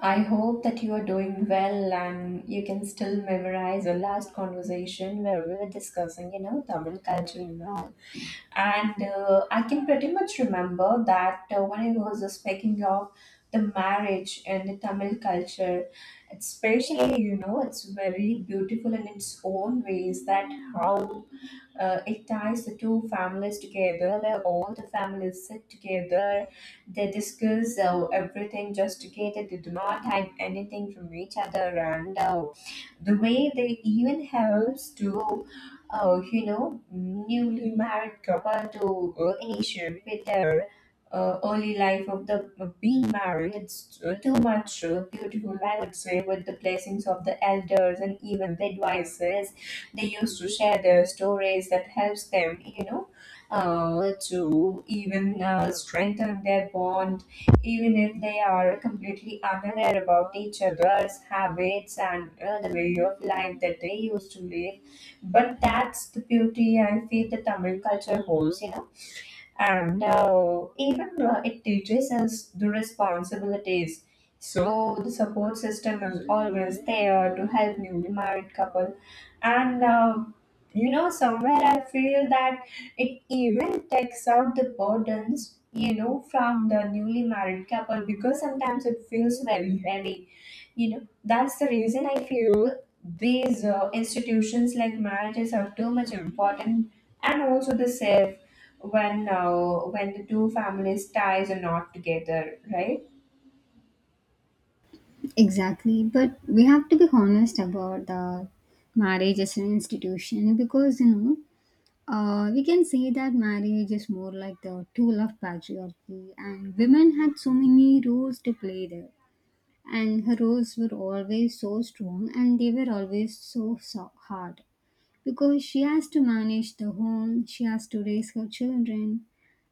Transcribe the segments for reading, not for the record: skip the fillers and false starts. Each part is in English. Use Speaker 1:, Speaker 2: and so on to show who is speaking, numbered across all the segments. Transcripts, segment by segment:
Speaker 1: I hope that you are doing well and you can still memorize the last conversation where we were discussing, you know, Tamil culture and all. And I can pretty much remember that when I was speaking of the marriage and the Tamil culture, especially, you know, it's very beautiful in its own ways that how it ties the two families together, where all the families sit together, they discuss everything just together, they do not hide anything from each other, and the way they even helps to you know, newly married couple to initiate with their early life of the being married. It's too much beautiful, I would say, with the blessings of the elders and even the advices. They used to share their stories that helps them, you know, to even strengthen their bond, even if they are completely unaware about each other's habits and the way of life that they used to live but that's the beauty I feel the Tamil culture holds, you know. And even it teaches us the responsibilities. So the support system is always there to help newly married couples and you know Somewhere I feel that it even takes out the burdens you know from the newly married couple because sometimes it feels very heavy. You know that's the reason I feel these institutions like marriages are too much important, and also the safe when uh, when the two families ties are not together, right?
Speaker 2: Exactly, but we have to be honest about the marriage as an institution because we can say that marriage is more like the tool of patriarchy, and women had so many roles to play there, and her roles were always so strong, and they were always so, so hard because she has to manage the home, she has to raise her children,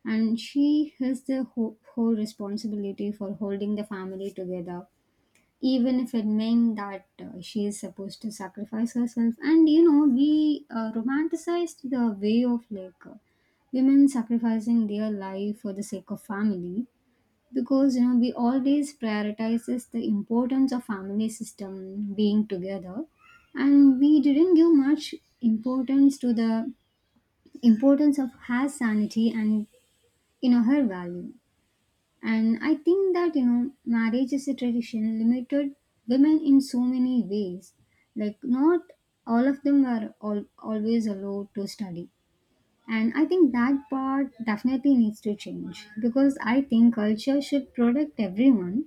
Speaker 2: and she has the whole, whole responsibility for holding the family together even if it meant that she is supposed to sacrifice herself. And you know, we romanticized the way of women sacrificing their life for the sake of family because you know we always prioritizes the importance of family system being together, and we didn't give much importance to the importance of her sanity and you know her value. And I think that, you know, marriage is a tradition limited women in so many ways. Like, not all of them are always allowed to study. And I think that part definitely needs to change because I think culture should protect everyone,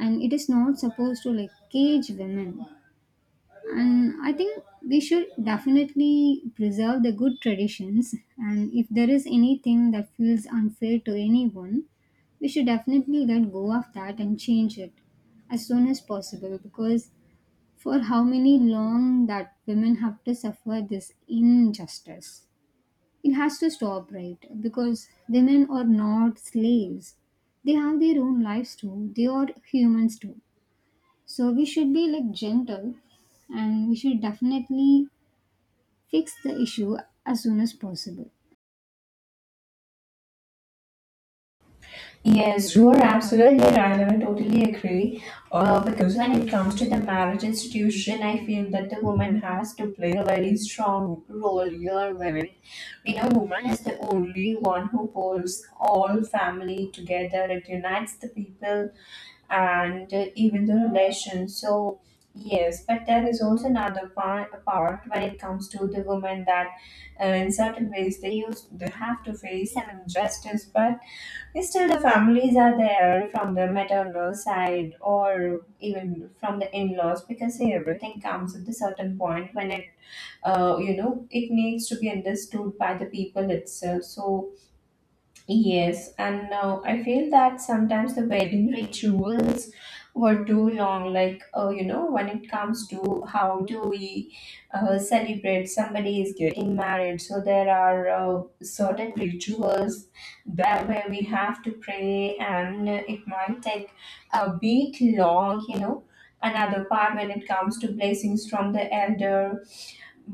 Speaker 2: and it is not supposed to like cage women. And I think we should definitely preserve the good traditions, and if there is anything that feels unfair to anyone, we should definitely let go of that and change it as soon as possible, because for how many long that women have to suffer this injustice, it has to stop, right? Because women are not slaves, they have their own lives too, they are humans too. So we should be like gentle, and we should definitely fix the issue as soon as possible.
Speaker 1: Yes, you are absolutely right, and I totally agree. Because when it comes to the marriage institution, I feel that the woman has to play a very strong role here. Wherein, you know, woman is the only one who pulls all family together. It unites the people and even the relations. So yes, but there is also another part when it comes to the women that in certain ways they have to face some injustice, but still, the families are there from the maternal side or even from the in-laws, because see, everything comes at a certain point when it, you know, it needs to be understood by the people itself. So yes, and I feel that sometimes the wedding rituals were too long. Like, you know, when it comes to how do we celebrate somebody is getting married, so there are certain rituals that where we have to pray, and it might take a bit long, you know. Another part when it comes to blessings from the elder,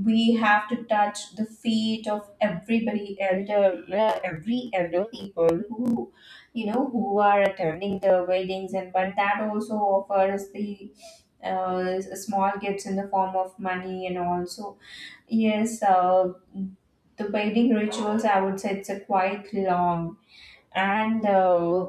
Speaker 1: we have to touch the feet of everybody elder, every elder people who, you know, who are attending the weddings, and but that also offers the small gifts in the form of money, and also yes, the wedding rituals, I would say, it's a quite long and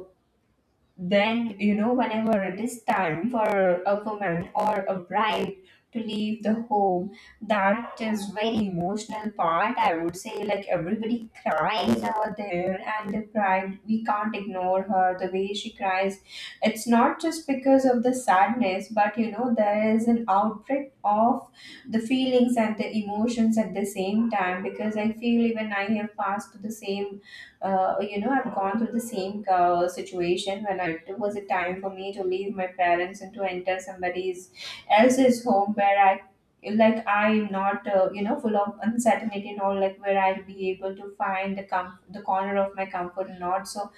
Speaker 1: Then, you know, whenever it is time for a woman or a bride to leave the home, that is very emotional part. I would say, like, everybody cries over there, and the bride, we can't ignore her the way she cries. It's not just because of the sadness, but you know, there is an outbreak of the feelings and the emotions at the same time, because I feel even I have passed through the same, you know, I've gone through the same situation when I, it was a time for me to leave my parents and to enter somebody's else's home where I, like I'm not, you know, full of uncertainty and all, like where I'll be able to find the the corner of my comfort or not. So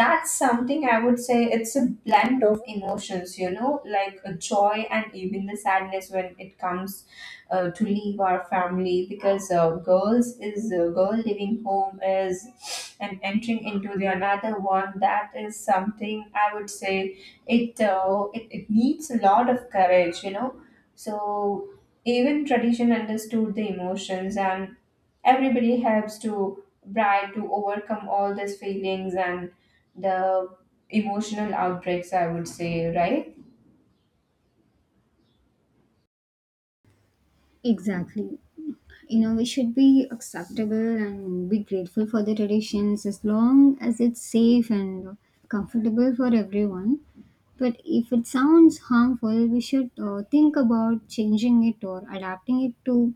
Speaker 1: that's something I would say it's a blend of emotions, you know, like a joy and even the sadness when it comes to leave our family, because girls is a girl leaving home is and entering into the another one, that is something I would say it, it needs a lot of courage, you know. So even tradition understood the emotions, and everybody helps to try to overcome all these feelings and the emotional outbreaks, I would say, right?
Speaker 2: Exactly. You know, we should be acceptable and be grateful for the traditions as long as it's safe and comfortable for everyone. But if it sounds harmful, we should think about changing it or adapting it to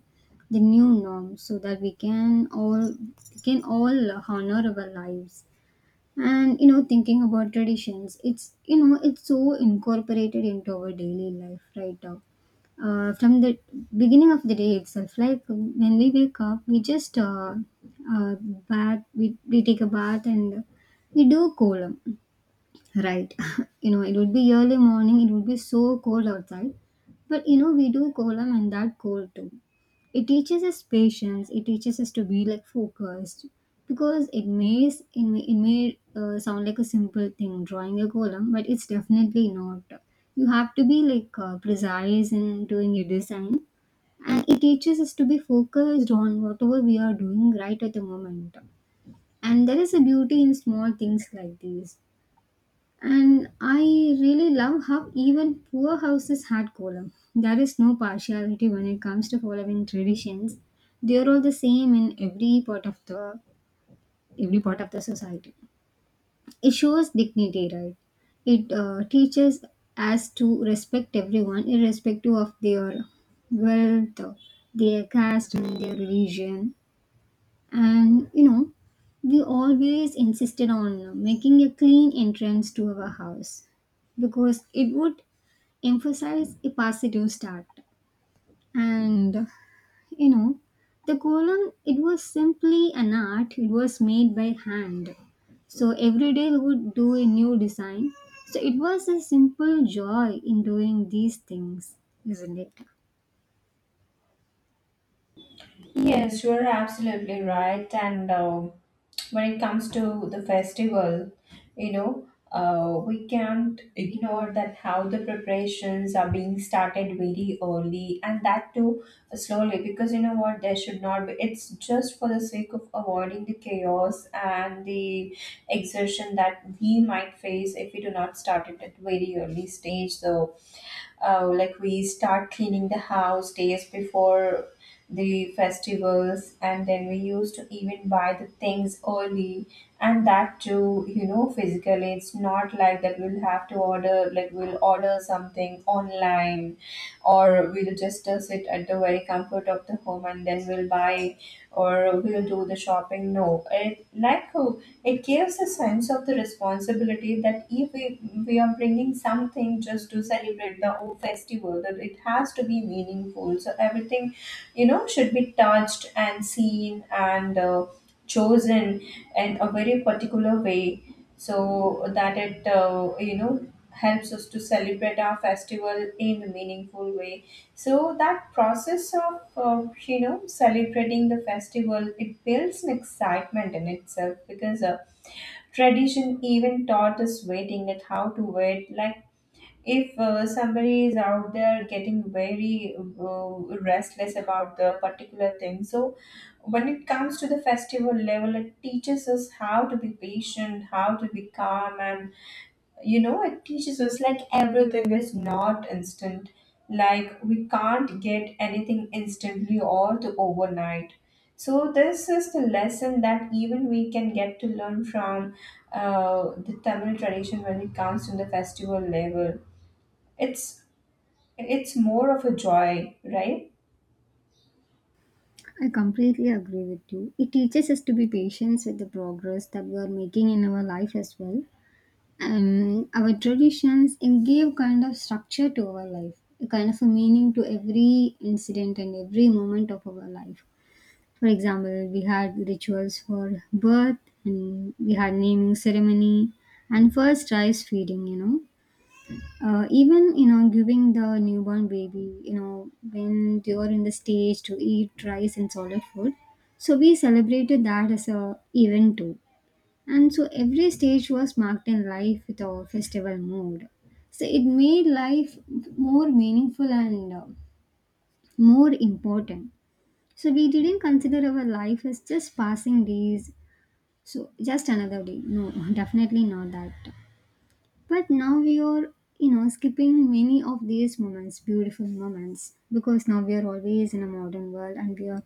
Speaker 2: the new norm so that we can all honor our lives. And you know, thinking about traditions, it's, you know, it's so incorporated into our daily life right now, from the beginning of the day itself. Like, when we wake up, we just uh, bath, we take a bath and we do kolam. Right. You know, it would be early morning, it would be so cold outside. But you know, we do kolam and that cold too. It teaches us patience, it teaches us to be like focused. Because it may, s- it may, it may sound like a simple thing, drawing a kolam, but it's definitely not. You have to be like precise in doing your design. And it teaches us to be focused on whatever we are doing right at the moment, and there is a beauty in small things like these. And I really love how even poor houses had column. There is no partiality when it comes to following traditions. They are all the same in every part of the society. It shows dignity, right? It teaches us to respect everyone, irrespective of their wealth, their caste, and their religion. And you know, we always insisted on making a clean entrance to our house because it would emphasize a positive start. And, you know, the column, it was simply an art, it was made by hand. So every day we would do a new design. So it was a simple joy in doing these things, isn't it?
Speaker 1: Yes, you're absolutely right. And when it comes to the festival, you know, we can't ignore that how the preparations are being started very early, and that too slowly, because you know what, there should not be. It's just for the sake of avoiding the chaos and the exertion that we might face if we do not start it at very early stage. So like we start cleaning the house days before the festivals, and then we used to even buy the things early, and that too, you know, physically. It's not like that we'll have to order, like we'll order something online, or we'll just sit at the very comfort of the home and then we'll buy, or we'll do the shopping. No, it like, it gives a sense of the responsibility that if we, we are bringing something just to celebrate the old festival, that it has to be meaningful. So everything, you know, should be touched and seen and chosen in a very particular way, so that it, you know, helps us to celebrate our festival in a meaningful way. So that process of, you know, celebrating the festival, it builds an excitement in itself. Because tradition even taught us waiting at how to wait. Like if somebody is out there getting very, restless about the particular thing, so when it comes to the festival level, it teaches us how to be patient, how to be calm, and you know it teaches us like everything is not instant, like we can't get anything instantly or the overnight. So this is the lesson that even we can get to learn from the Tamil tradition. When it comes to the festival level, it's it's more of a joy, right?
Speaker 2: I completely agree with you. It teaches us to be patient with the progress that we are making in our life as well. And our traditions and give kind of structure to our life, a kind of a meaning to every incident and every moment of our life. For example, we had rituals for birth, and we had naming ceremony and first rice feeding, you know, even, you know, giving the newborn baby, you know, when they were in the stage to eat rice and solid food, so we celebrated that as a event too. And so every stage was marked in life with a festival mood, so it made life more meaningful and more important. So we didn't consider our life as just passing days, so just another day. No, definitely not that. But now we are, you know, skipping many of these moments, beautiful moments, because now we are always in a modern world and we are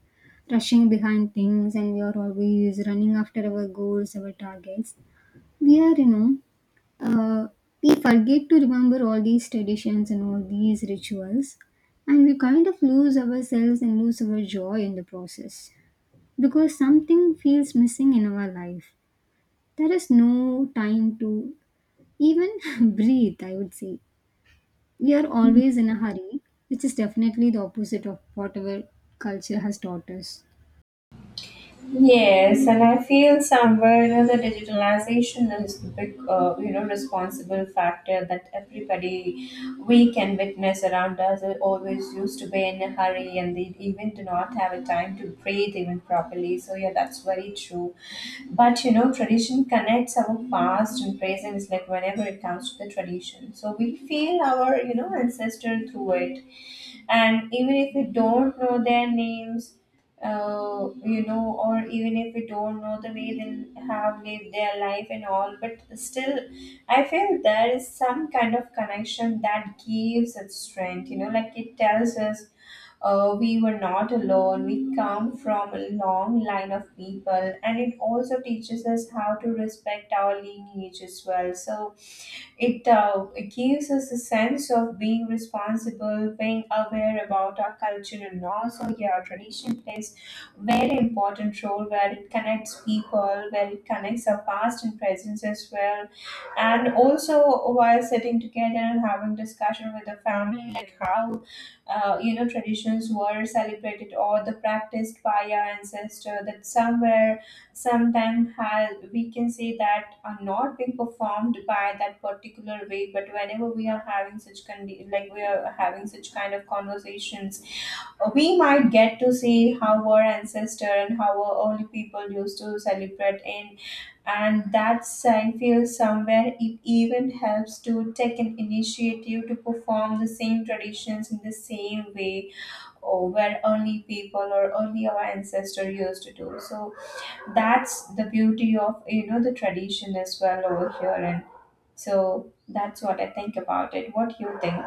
Speaker 2: rushing behind things, and we are always running after our goals, our targets. We are, you know, uh, we forget to remember all these traditions and all these rituals, and we kind of lose ourselves and lose our joy in the process because something feels missing in our life. There is no time to even breathe, I would say. We are always in a hurry, which is definitely the opposite of whatever culture has taught us.
Speaker 1: Yes, and I feel somewhere, you know, the digitalization is the big, you know, responsible factor that everybody, we can witness around us, are always used to be in a hurry, and they even do not have a time to breathe even properly. So, yeah, that's very true. But, you know, tradition connects our past and present, like whenever it comes to the tradition. So, we feel our, you know, ancestor through it, and even if we don't know their names, you know, or even if we don't know the way they have lived their life and all, but still I feel there is some kind of connection that gives it strength, you know, like it tells us we were not alone, we come from a long line of people, and it also teaches us how to respect our lineage as well. So it, it gives us a sense of being responsible, being aware about our culture, and also yeah, tradition plays very important role where it connects people, where it connects our past and present as well, and also while sitting together and having discussion with the family, like how you know traditions were celebrated or the practiced by our ancestor, that somewhere sometimes has we can say that are not being performed by that particular way. But whenever we are having such like we are having such kind of conversations, we might get to see how our ancestor and how our early people used to celebrate in, and that sign feels somewhere it even helps to take an initiative to perform the same traditions in the same way, or where early people or early our ancestor used to do so. That's the beauty of, you know, the tradition as well over here. And so that's what I think about it. What you think?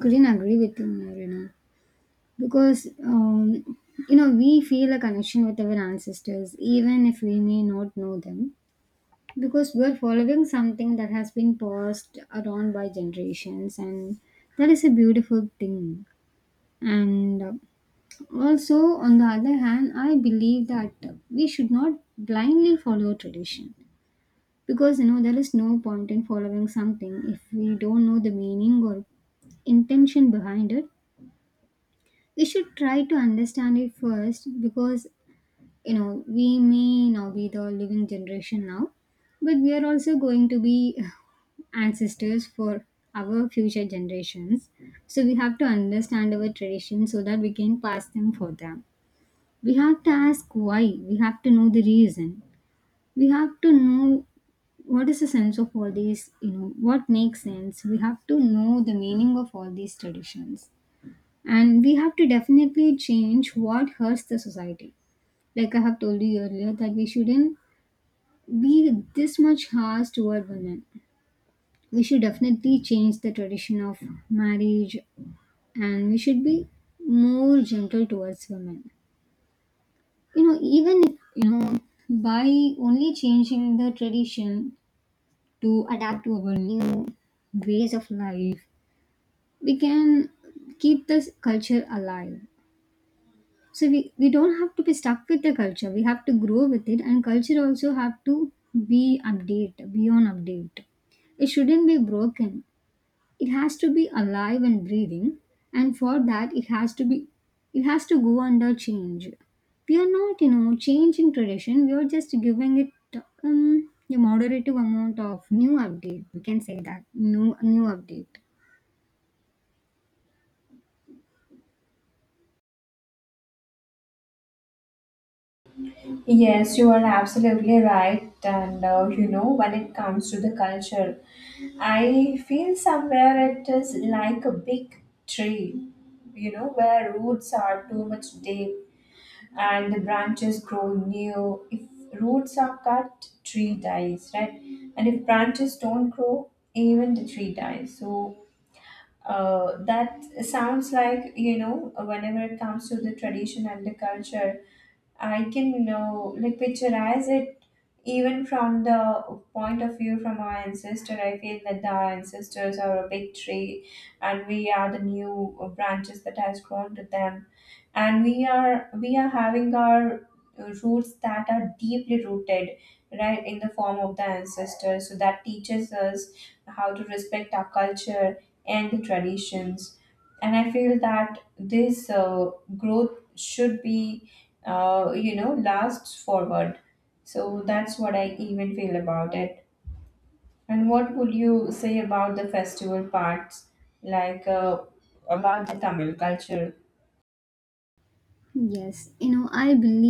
Speaker 2: Couldn't agree with you more, you know, because you know, we feel a connection with our ancestors, even if we may not know them, because we are following something that has been passed around by generations, and that is a beautiful thing. And also, on the other hand, I believe that we should not blindly follow tradition, because you know there is no point in following something if we don't know the meaning or intention behind it. We should try to understand it first, because you know we may now be the living generation now, but we are also going to be ancestors for our future generations. So we have to understand our traditions so that we can pass them for them. We have to ask why. We have to know the reason. We have to know what is the sense of all these, you know, what makes sense. We have to know the meaning of all these traditions, and we have to definitely change what hurts the society. Like, I have told you earlier that we shouldn't be this much harsh toward women. We should definitely change the tradition of marriage, and we should be more gentle towards women. You know, even if, you know, by only changing the tradition to adapt to our new ways of life, we can keep this culture alive. So we don't have to be stuck with the culture, we have to grow with it, and culture also have to be update, be on update. It shouldn't be broken, it has to be alive and breathing. And for that, it has to go under change. We are not, you know, changing tradition, we are just giving it a moderative amount of new update, we can say that new update.
Speaker 1: Yes, you are absolutely right. and you know when it comes to the culture, I feel somewhere it is like a big tree, you know, where roots are too much deep, and the branches grow new. If roots are cut, tree dies, right? And if branches don't grow, even the tree dies. So that sounds like, you know, whenever it comes to the tradition and the culture, I can know like picturize it even from the point of view from our ancestor. I feel that our ancestors are a big tree, and we are the new branches that has grown to them, and we are having our roots that are deeply rooted right in the form of the ancestors. So that teaches us how to respect our culture and the traditions. And I feel that this growth should be, you know, lasts forward. So that's what I even feel about it. And what would you say about the festival parts, like about the Tamil culture?
Speaker 2: Yes, you know, I believe